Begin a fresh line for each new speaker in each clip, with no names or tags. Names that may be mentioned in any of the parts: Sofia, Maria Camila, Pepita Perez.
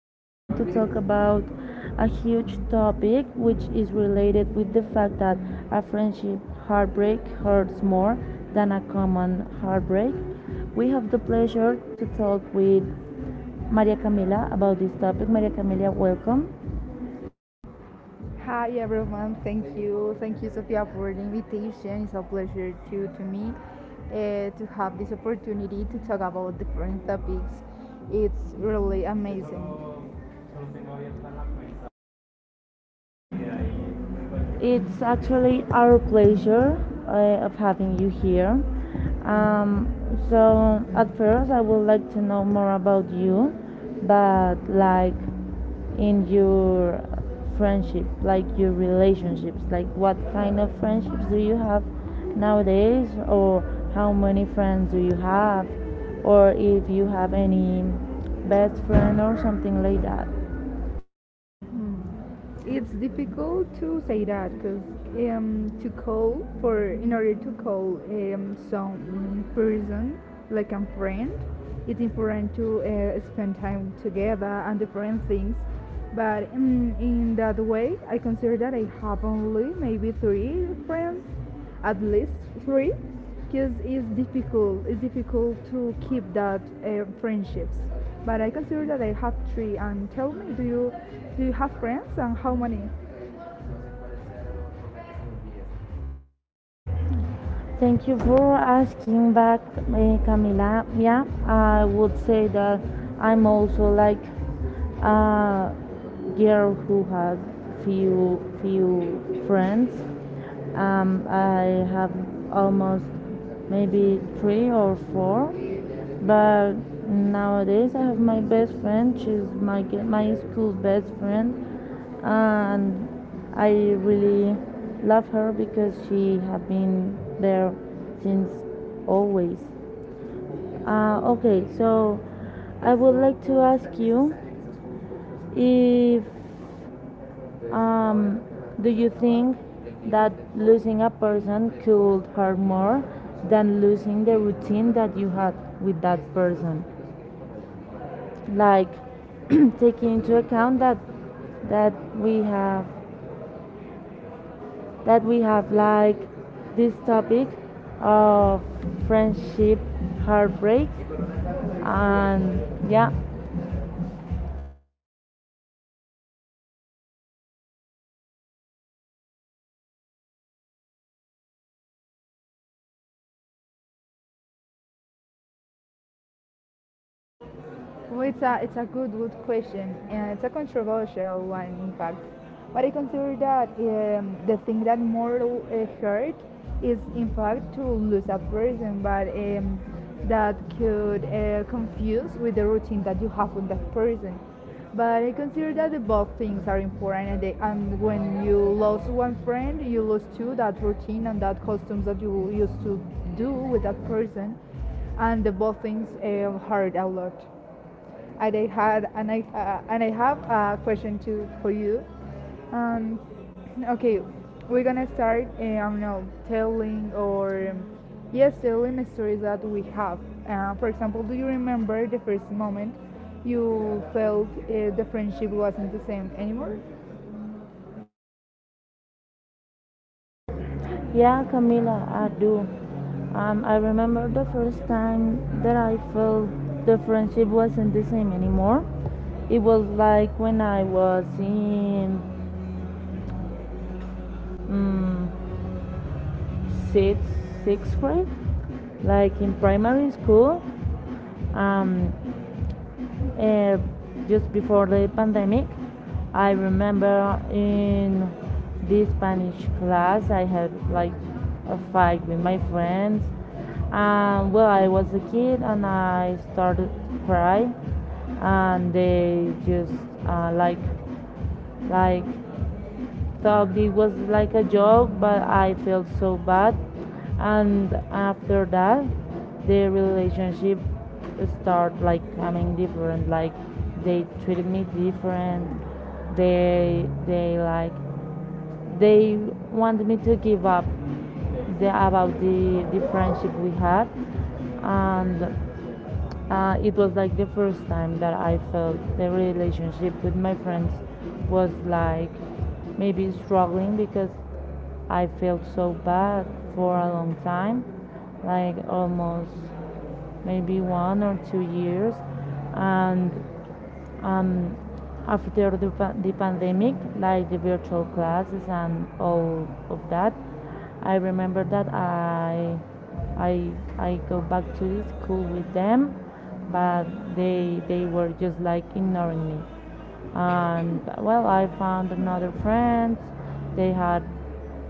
we are going to talk about a huge topic which is related with the fact that a friendship heartbreak hurts more than a common heartbreak. We have the pleasure to talk with Maria Camila about this topic. Maria Camila, welcome.
Hi everyone, thank you. Thank you, Sofia, for the invitation. It's a pleasure to me to have this opportunity to talk about different topics. It's really amazing.
It's actually our pleasure of having you here. Um, so at first, I would like to know more about you, but like in your friendship, like your relationships, like what kind of friendships do you have nowadays, or how many friends do you have, or if you have any best friend or something like that.
It's difficult to say that because to call for in order to call some person like a friend it's important to spend time together and different things but in that way I consider that I have only maybe 3 friends at least 3 because it's difficult to keep that friendships, but I consider that I have 3. And tell me, do you have friends, and how many?
Thank you for asking back, Camila. Yeah, I would say that I'm also like a girl who had few friends. I have almost maybe three or four, but nowadays I have my best friend. She's my school best friend, and I really love her because she has been there since always. Okay, so I would like to ask you if um, do you think that losing a person could hurt more than losing the routine that you had with that person? Like taking into account that that we have that we have like this topic of friendship heartbreak and yeah.
Well, it's a good question, and it's a controversial one, in fact. But I consider that the thing that more hurt is, in fact, to lose a person, but that could confuse with the routine that you have with that person. But I consider that the both things are important, and, they, and when you lose one friend, you lose two, that routine and that customs that you used to do with that person, and the both things hurt a lot. And I had and I have a question too for you. Um, okay, we're gonna start. I don't know, telling or yes, telling the stories that we have. For example, do you remember the first moment you felt the friendship wasn't the same anymore?
Yeah, Camila, I do. I remember the first time that I felt the friendship wasn't the same anymore. It was like when I was in um, sixth, sixth grade, like in primary school. Um, Uh, just before the pandemic, I remember in this Spanish class, I had like a fight with my friends. Well, I was a kid and I started to cry, and they just uh, like like, so it was like a joke, but I felt so bad. And after that, the relationship start like coming different. Like they treated me different. They they like they wanted me to give up about the friendship we had, and it was like the first time that I felt the relationship with my friends was like maybe struggling because I felt so bad for a long time, like almost maybe 1 or 2 years, and and after the pandemic like the virtual classes and all of that, I remember that i I go back to the school with them, but they were just like ignoring me, and well, I found another friends. They had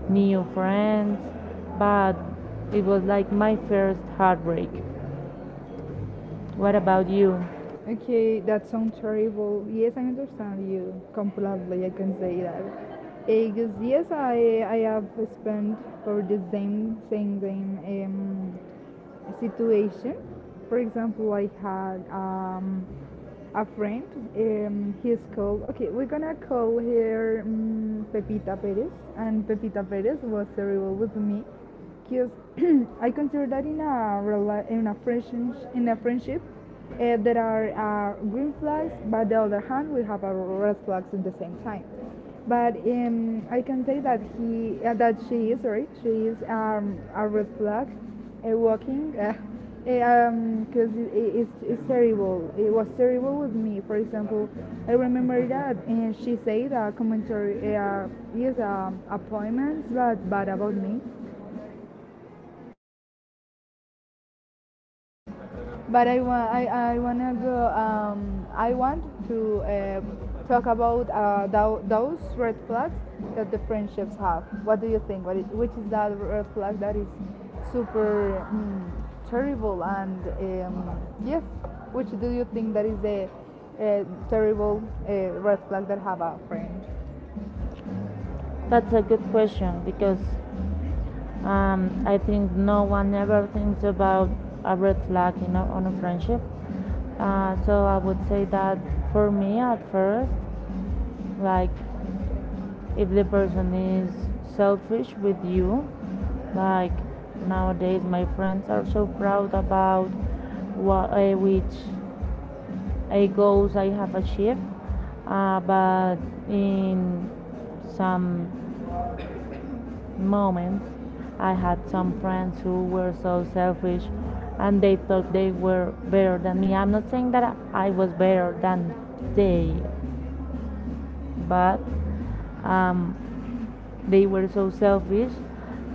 new friends, but it was like my first heartbreak. What about you?
Okay, that sounds terrible. Yes, I understand you completely. I can say that. Because yes, I have spent for the same situation. For example, I had a friend. He's called, okay, we're gonna call her Pepita Perez, and Pepita Perez was terrible with me because I consider that in a friendship there are green flags, but on the other hand we have a red flags at the same time, but I can say that he that she is, sorry, she is a red flag walking because 'cause it- it's terrible, it was terrible with me. For example, I remember that, and she said a commentary, yes, appointments but bad about me. But I wanna go. I want to talk about those red flags that the friendships have. What do you think? Which is that red flag that is super terrible and um, yes, which do you think that is the terrible red flag that have a friend?
That's a good question because I think no one ever thinks about a red flag in on a friendship. So I would say that for me at first, like if the person is selfish with you, like nowadays my friends are so proud about what, which goals I have achieved, but in some moments. I had some friends who were so selfish and they thought they were better than me. I'm not saying that I was better than they, but um, they were so selfish.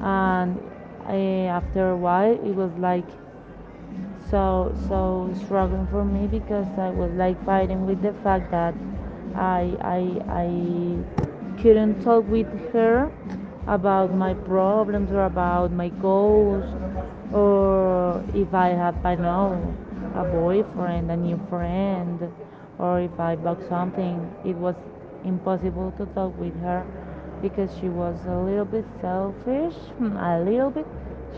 And uh, after a while, it was like so struggling for me because I was like fighting with the fact that I couldn't talk with her about my problems or about my goals, or if I had, I know, a boyfriend, a new friend, or if I bought something. It was impossible to talk with her because she was a little bit selfish, a little bit.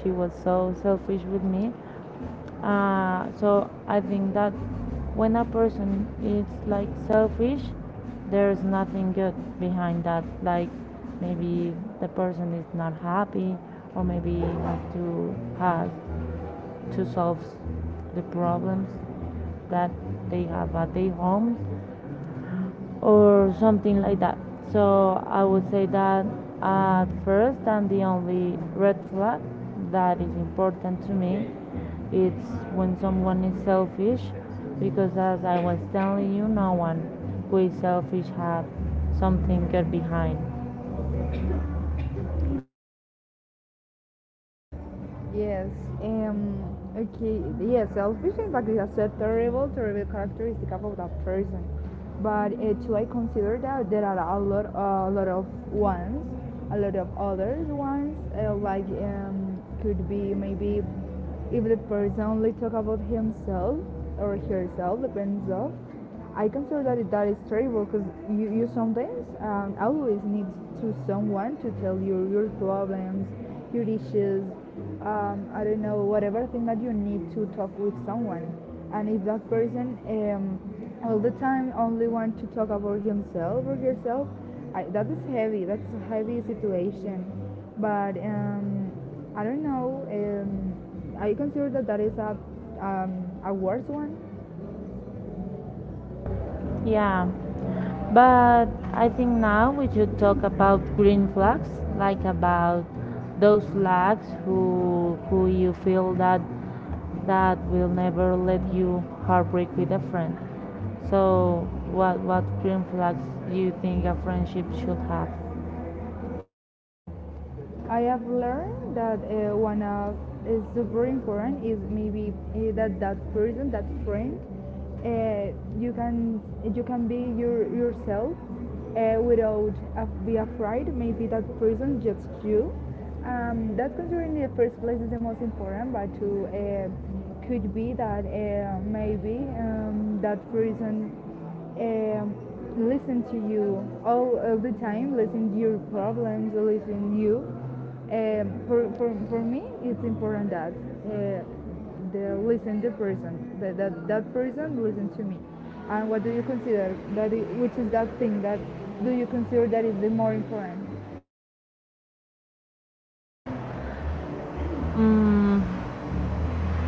She was so selfish with me. So I think that when a person is like selfish, there's nothing good behind that. Like maybe the person is not happy, or maybe has to solve the problems that they have at their homes or something like that. So I would say that at first and the only red flag that is important to me it's when someone is selfish because as I was telling you, no one who is selfish have something good behind.
Yes. Um. Okay. Yes. Selfish, in fact, is a terrible, terrible characteristic about a person. But to I consider that there are a lot of ones, a lot of others ones. Like could be maybe if the person only talk about himself or herself, depends of. I consider that that is terrible because you sometimes always need to someone to tell you your problems, your issues, I don't know, whatever thing that you need to talk with someone. And if that person all the time only want to talk about himself or herself, I, that is heavy. That's a heavy situation. But I don't know. I consider that that is a worse one.
Yeah, but I think now we should talk about green flags, like about those flags who you feel that that will never let you heartbreak with a friend. So what green flags do you think a friendship should have?
I have learned that one of is super important is maybe that that person, that friend, uh, you can you can be your yourself without be afraid. Maybe that person just you. That considering in the first place is the most important, but to could be that maybe that person uh, listen to you all the time, listen to your problems, listen to you. For me, it's important that the listen the person, that that person listen to me. And what do you consider that? Which is that thing that do you consider that is the more important?
Mm,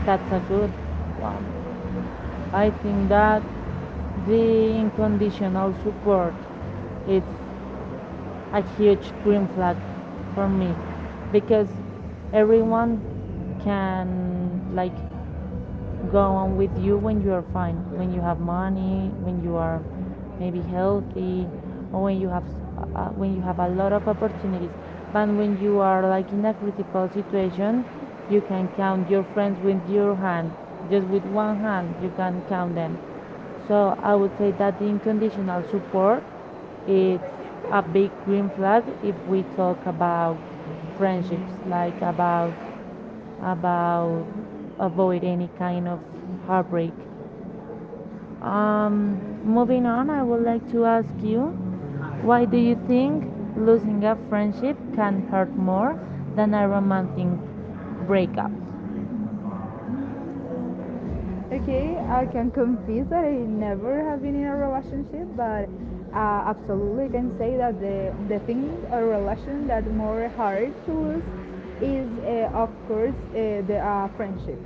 that's a good. I think that the unconditional support it's a huge green flag for me because everyone can like go on with you when you are fine, when you have money, when you are maybe healthy, or when you have a lot of opportunities. But when you are like in a critical situation, you can count your friends with your hand, just with one hand you can count them. So I would say that the unconditional support is a big green flag if we talk about friendships, like about about avoid any kind of heartbreak. Moving on, I would like to ask you, why do you think losing a friendship can hurt more than a romantic breakup?
Okay, I can confess that I never have been in a relationship, but absolutely can say that the thing a relation that more hard to lose is of course the friendship.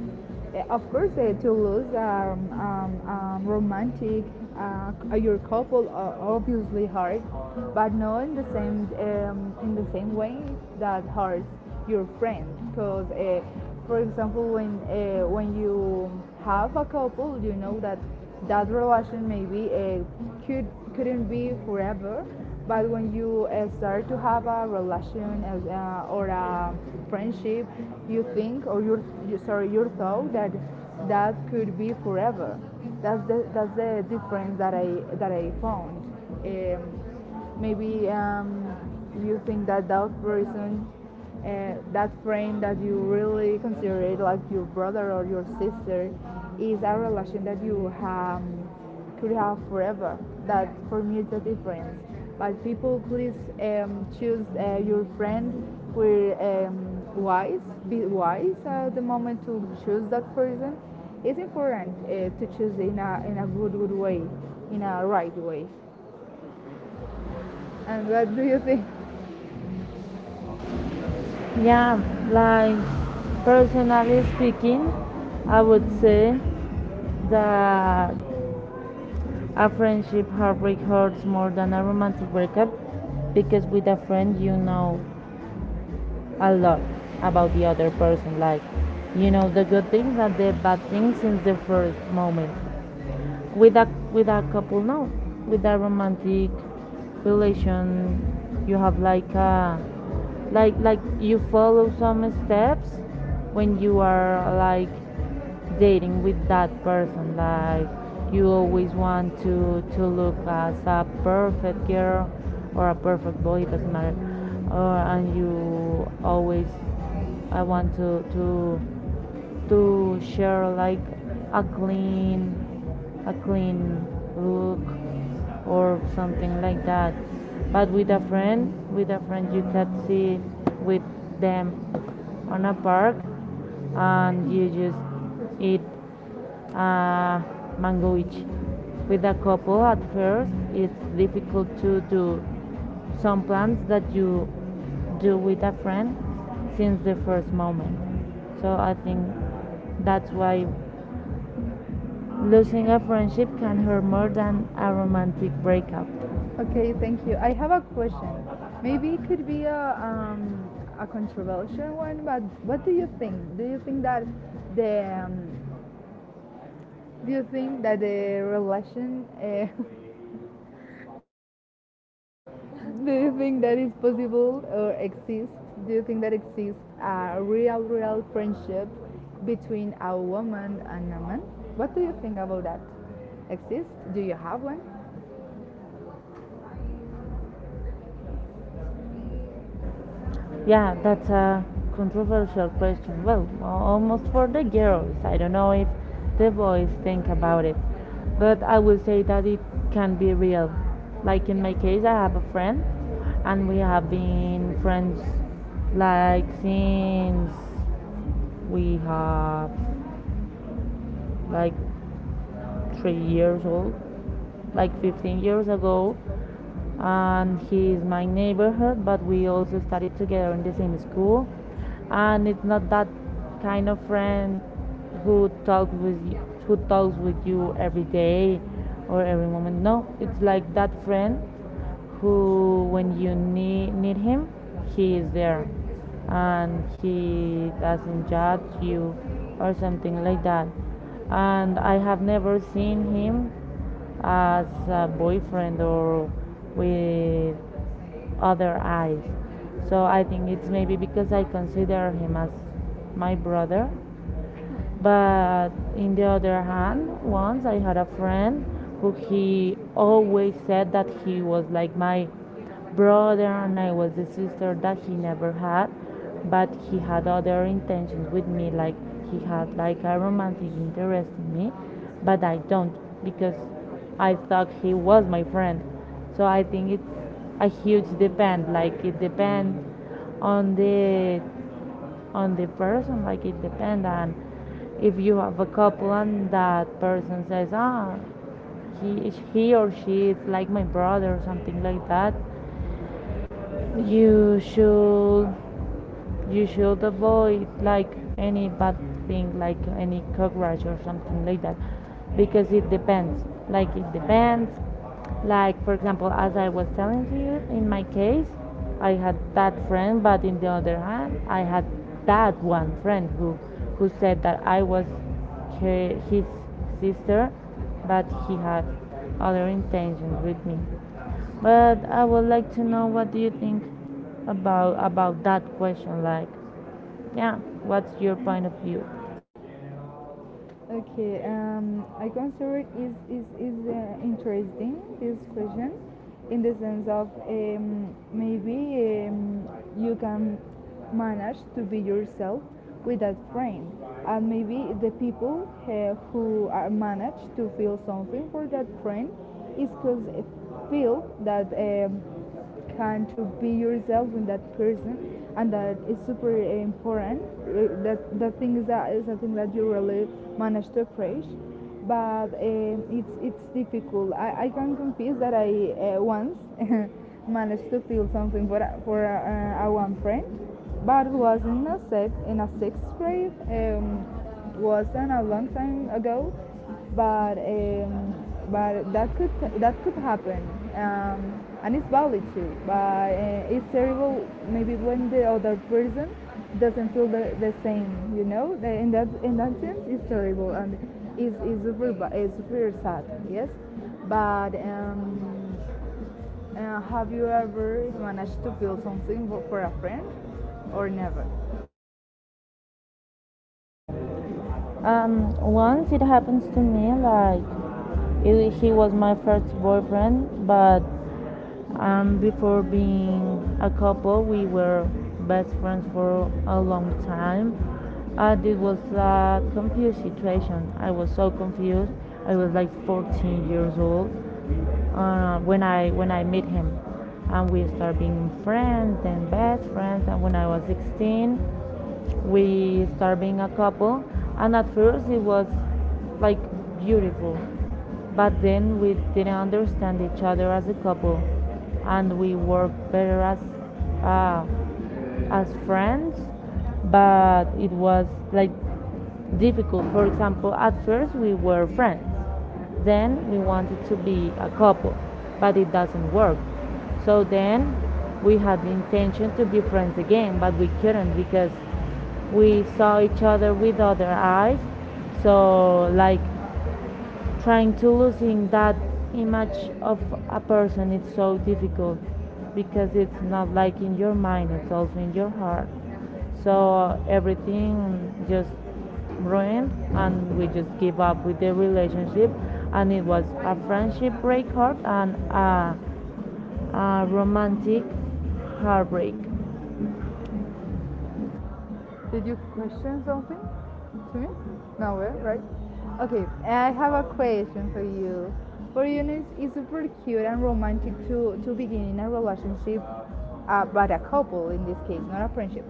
Of course, to lose romantic your couple are obviously hard, but not in the same in the same way that hurts your friend. Because, for example when you have a couple you know that that relation maybe could couldn't be forever, but when you start to have a relation as, or a friendship, you think, or your, you, sorry, your thought that that could be forever. That's the, that's the difference that I that I found. um, Maybe you think that that person, that friend that you really consider it like your brother or your sister, is a relation that you have could have forever. That for me is the difference. But people, please choose your friend who wise, be wise at the moment to choose that person. It's important to choose in a good way, in a right way. And what do you think?
Yeah, like personally speaking, I
I
would
would say
say that
yeah.
a friendship heartbreak hurts more than a romantic breakup because with a friend you know a lot about the other person, like you know the good things and the bad things since the first moment. With a couple now, with a romantic relation, you have like a like like you follow some steps when you are like dating with that person, like you always want to look as a perfect girl or a perfect boy, it doesn't matter. Or, and you always I want to share like a clean a clean look or something like that. But with a friend, you can see with them on a park and you just eat a mango each. With a couple at first it's difficult to do some plans that you do with a friend since the first moment. So I think that's why losing a friendship can hurt more than a romantic breakup.
Okay, thank you. I have a question. Maybe it could be a controversial one, but what do you think? Do you think that the do you think that the relation do you think that is possible or exists? Do you think that exists a real, real friendship between a woman and a man? What do you think about that? Exists? Do you have one?
Yeah, that's a controversial question. Well, almost for the girls. I don't know if the boys think about it, but I will say that it can be real. Like in my case, I have a friend, and we have been friends like since We have like 3 years old, like 15 years ago, and he is my neighborhood, but we also studied together in the same school. And it's not that kind of friend who talks with you, every day or every moment. No, it's like that friend who when you need him, he is there and he doesn't judge you or something like that. And I have never seen him as a boyfriend or with other eyes, so I think it's maybe because I consider him as my brother. But in the other hand, once I had a friend who he always said that he was like my brother and I was the sister that he never had, but he had other intentions with me, like he had like a romantic interest in me, but I don't because I thought he was my friend. So I think it's a huge depend, like it depends on the person, like it depends on if you have a couple and that person says, ah, he or she is like my brother or something like that, you should avoid like any bad thing, like any cockroach or something like that, because it depends, like it depends like for example as I was telling to you, in my case I had that friend, but in the other hand I had that one friend who said that I was his sister, but he had other intentions with me. But I would like to know, what do you think about that question? Like, yeah, what's your point of view?
Okay, I consider it is interesting this question, in the sense of maybe um, you can manage to be yourself with that friend, and maybe the people who are managed to feel something for that friend is because feel that can to be yourself with that person, and that is super important. That the thing is that is something that you really manage to approach. But it's difficult. I can confess that I once managed to feel something for a, a one friend, but it was in a sixth grade. Was an, a long time ago, but um, but that could happen and it's valid too, but it's terrible maybe when the other person doesn't feel the same, you know. In that, in that sense it's terrible, and it's it's super sad, yes. But have you ever managed to feel something for a friend, or never?
Um, Once it happens to me, like, he was my first boyfriend, but before being a couple, we were best friends for a long time. And it was a confused situation. I was so confused. I was like 14 years old when I met him, and we started being friends and best friends. And when I was 16, we started being a couple. And at first, it was like beautiful. But then we didn't understand each other as a couple, and we worked better as ah as friends, but it was like difficult. For example, at first we were friends, then we wanted to be a couple, but it doesn't work. So then we had the intention to be friends again, but we couldn't because we saw each other with other eyes. So, like, trying to losing that image of a person is so difficult because it's not like in your mind, it's also in your heart, so everything just ruined and we just give up with the relationship. And it was a friendship break heart and a romantic heartbreak.
Did you question something to me? Nowhere, right? Okay, I have a question for you. For you, it's super cute and romantic to begin in a relationship, but a couple in this case, not a friendship.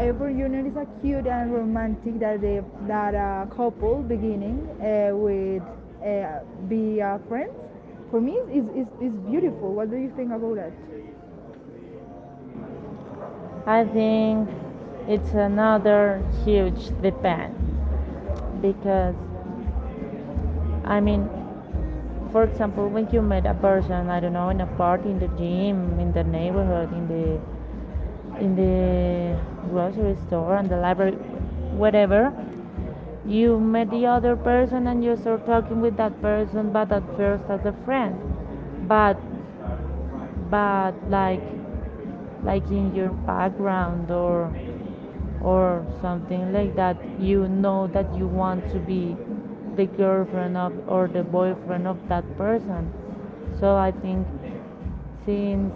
Every unit is a cute and romantic that they, that a couple beginning with uh, be friends. For me, it's beautiful. What do you think about that? I
I think
think
it's
it's another
another huge
huge debate.
depend because i mean for example, when you met a person, I don't know, in a party, in the gym, in the neighborhood, in the grocery store, and the library, whatever, you met the other person and you start talking with that person, but at first as a friend, but but like like in your background or something like that, you know that you want to be the girlfriend of or the boyfriend of that person. So I think, since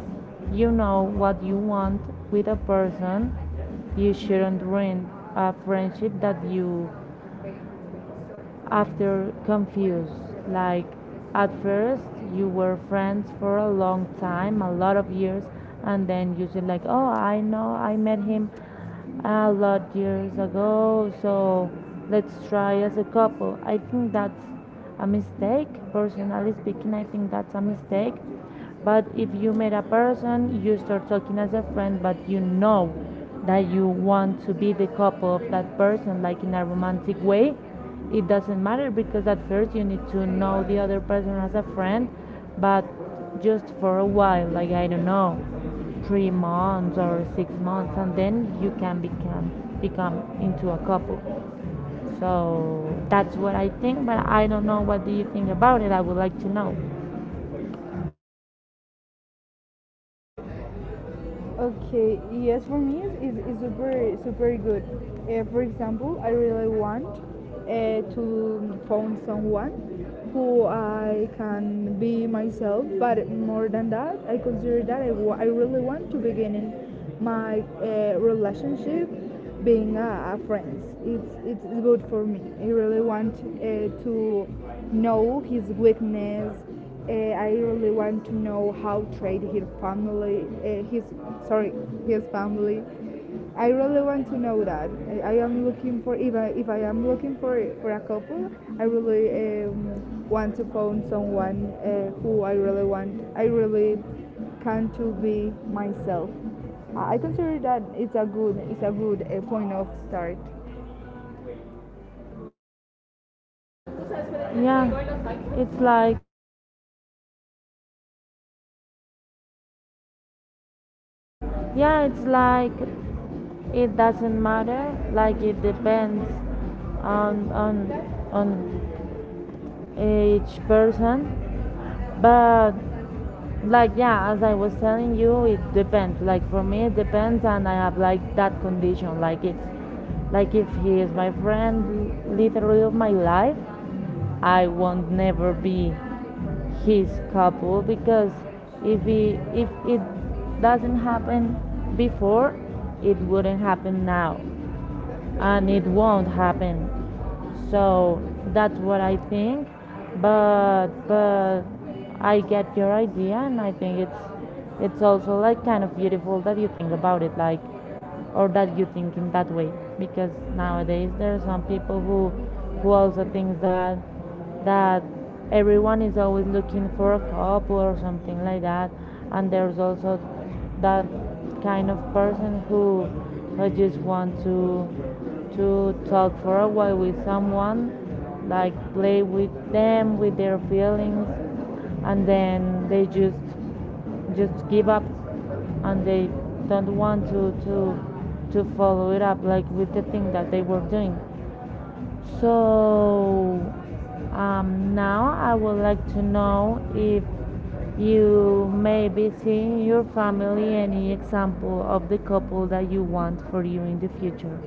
you know what you want with a person, you shouldn't ruin a friendship that you after confused. Like at first you were friends for a long time, a lot of years, and then you said like, "Oh, I know, I met him a lot years ago, so let's try as a couple." I think that's a mistake. Personally speaking, I think that's a mistake. But if you meet a person, you start talking as a friend, but you know that you want to be the couple of that person, like in a romantic way, it doesn't matter, because at first you need to know the other person as a friend, but just for a while, like I don't know, 3 months or 6 months, and then you can become into a couple. So that's what I think, but I don't know what do you think about it. I would like to know.
Okay, yes, for me it's super good. For example, I really want to find someone who I can be myself, but more than that, I consider that I really want to begin in my relationship being a friend. It's good for me. I really want to know his weakness. I really want to know how treat his family. His sorry, his family. I really want to know that. I am looking for, if I am looking for a couple. I really want to find someone who I really want. I really can to be myself. I consider that it's a good, it's a good point of start.
Yeah, it's like, yeah, it's like, it doesn't matter. Like it depends on on on each person. But like, yeah, as I was telling you, it depends. Like for me, it depends, and I have like that condition. Like it's like, if he is my friend, literally of my life, I won't never be his couple, because if it doesn't happen before, it wouldn't happen now and it won't happen. So that's what I think. But I get your idea, and I think it's also like kind of beautiful that you think about it like or that you think in that way, because nowadays there are some people who also thinks that that everyone is always looking for a couple or something like that. And there's also that kind of person who just want to talk for a while with someone, like play with them, with their feelings, and then they just give up and they don't want to follow it up like with the thing that they were doing. So now I would like to know if you may be seeing your family any example of the couple that you want for you in the future.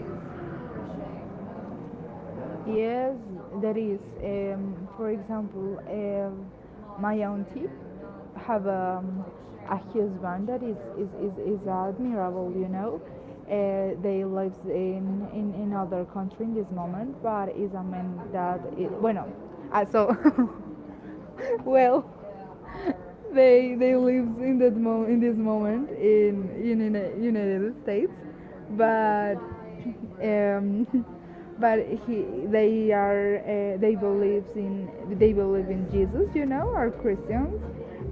Yes, there is. For example, my auntie have a husband that is admirable. You know, they lives in other country in this moment, but is a man that bueno, ah, so well. They live in that in this moment in United States, but um, but he they are they believe in Jesus, you know, are Christians,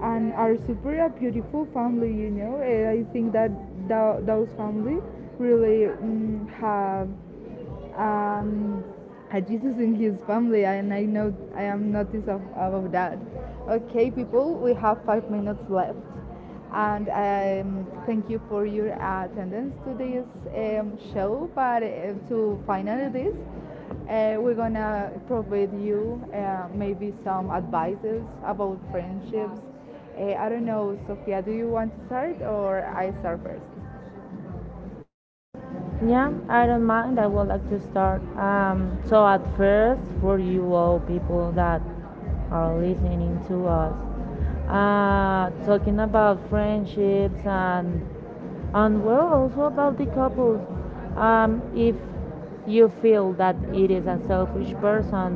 and are super a beautiful family, you know. And I think that those family really have um, Jesus in his family, and I know I am noticed of, about that. Okay, people, we have 5 minutes left, and thank you for your attendance to this show. But to finally this, we're gonna provide you maybe some advices about friendships. I don't know, Sofia, do you want to start, or I start first?
Yeah, I don't mind. I would like to start. So at first, for you all people that are listening to us, talking about friendships and well, also about the couples. If you feel that it is a selfish person,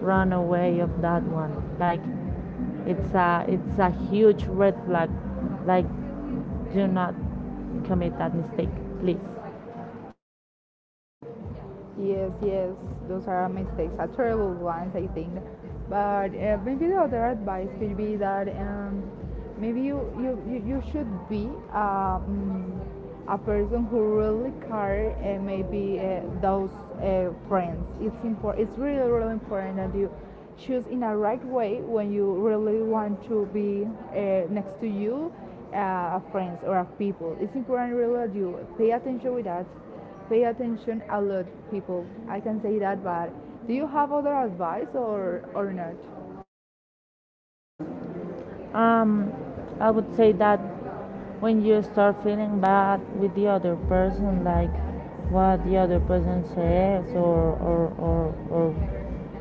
run away of that one. Like it's a huge red flag. Like do not commit that mistake, please.
Yes, yes, those are mistakes, are terrible ones, I think. But maybe the other advice could be that maybe you should be a person who really care maybe those friends. It's important. It's really important that you choose in a right way when you really want to be next to you friends or of people. It's important really that you pay attention a lot, people. I can say that, but do you have other advice, or not?
Um, I would say that when you start feeling bad with the other person, like what the other person says or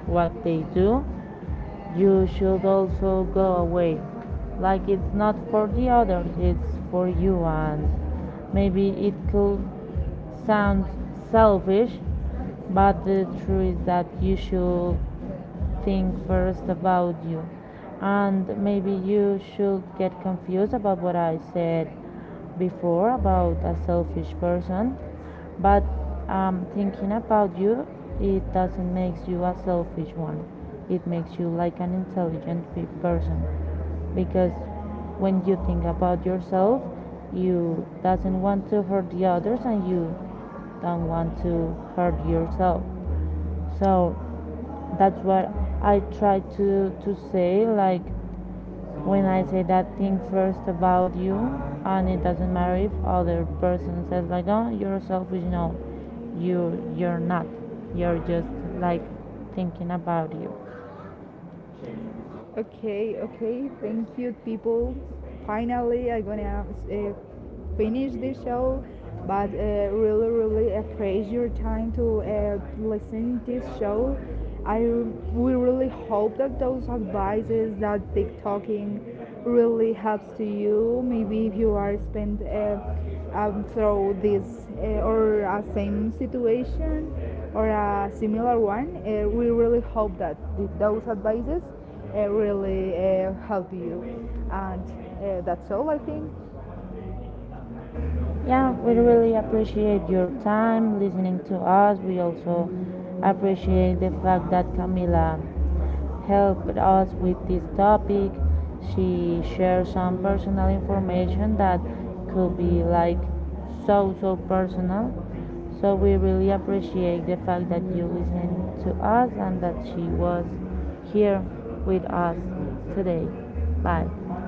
what they do, you should also go away. Like it's not for the other, it's for you, and maybe it could sound selfish, but the truth is that you should think first about you. And maybe you should get confused about what I said before about a selfish person. But thinking about you, it doesn't make you a selfish one. It makes you like an intelligent person. Because when you think about yourself, you doesn't want to hurt the others and you don't want to hurt yourself. So that's what I try to say, like when I say that thing first about you, and it doesn't matter if other person says like, oh, you're selfish. No, you you're not. You're just like thinking about you.
Okay, okay, thank you, people. Finally, I'm gonna finish this show, but really, really appreciate your time to listen this show. I We really hope that those advices that TikToking really helps to you. Maybe if you are spent through this or a same situation or a similar one, we really hope that those advices really help you. And that's all, I think.
Yeah, we really appreciate your time listening to us. We also appreciate the fact that Camila helped us with this topic. She shared some personal information that could be like so personal. So we really appreciate the fact that you listened to us and that she was here with us today. Bye.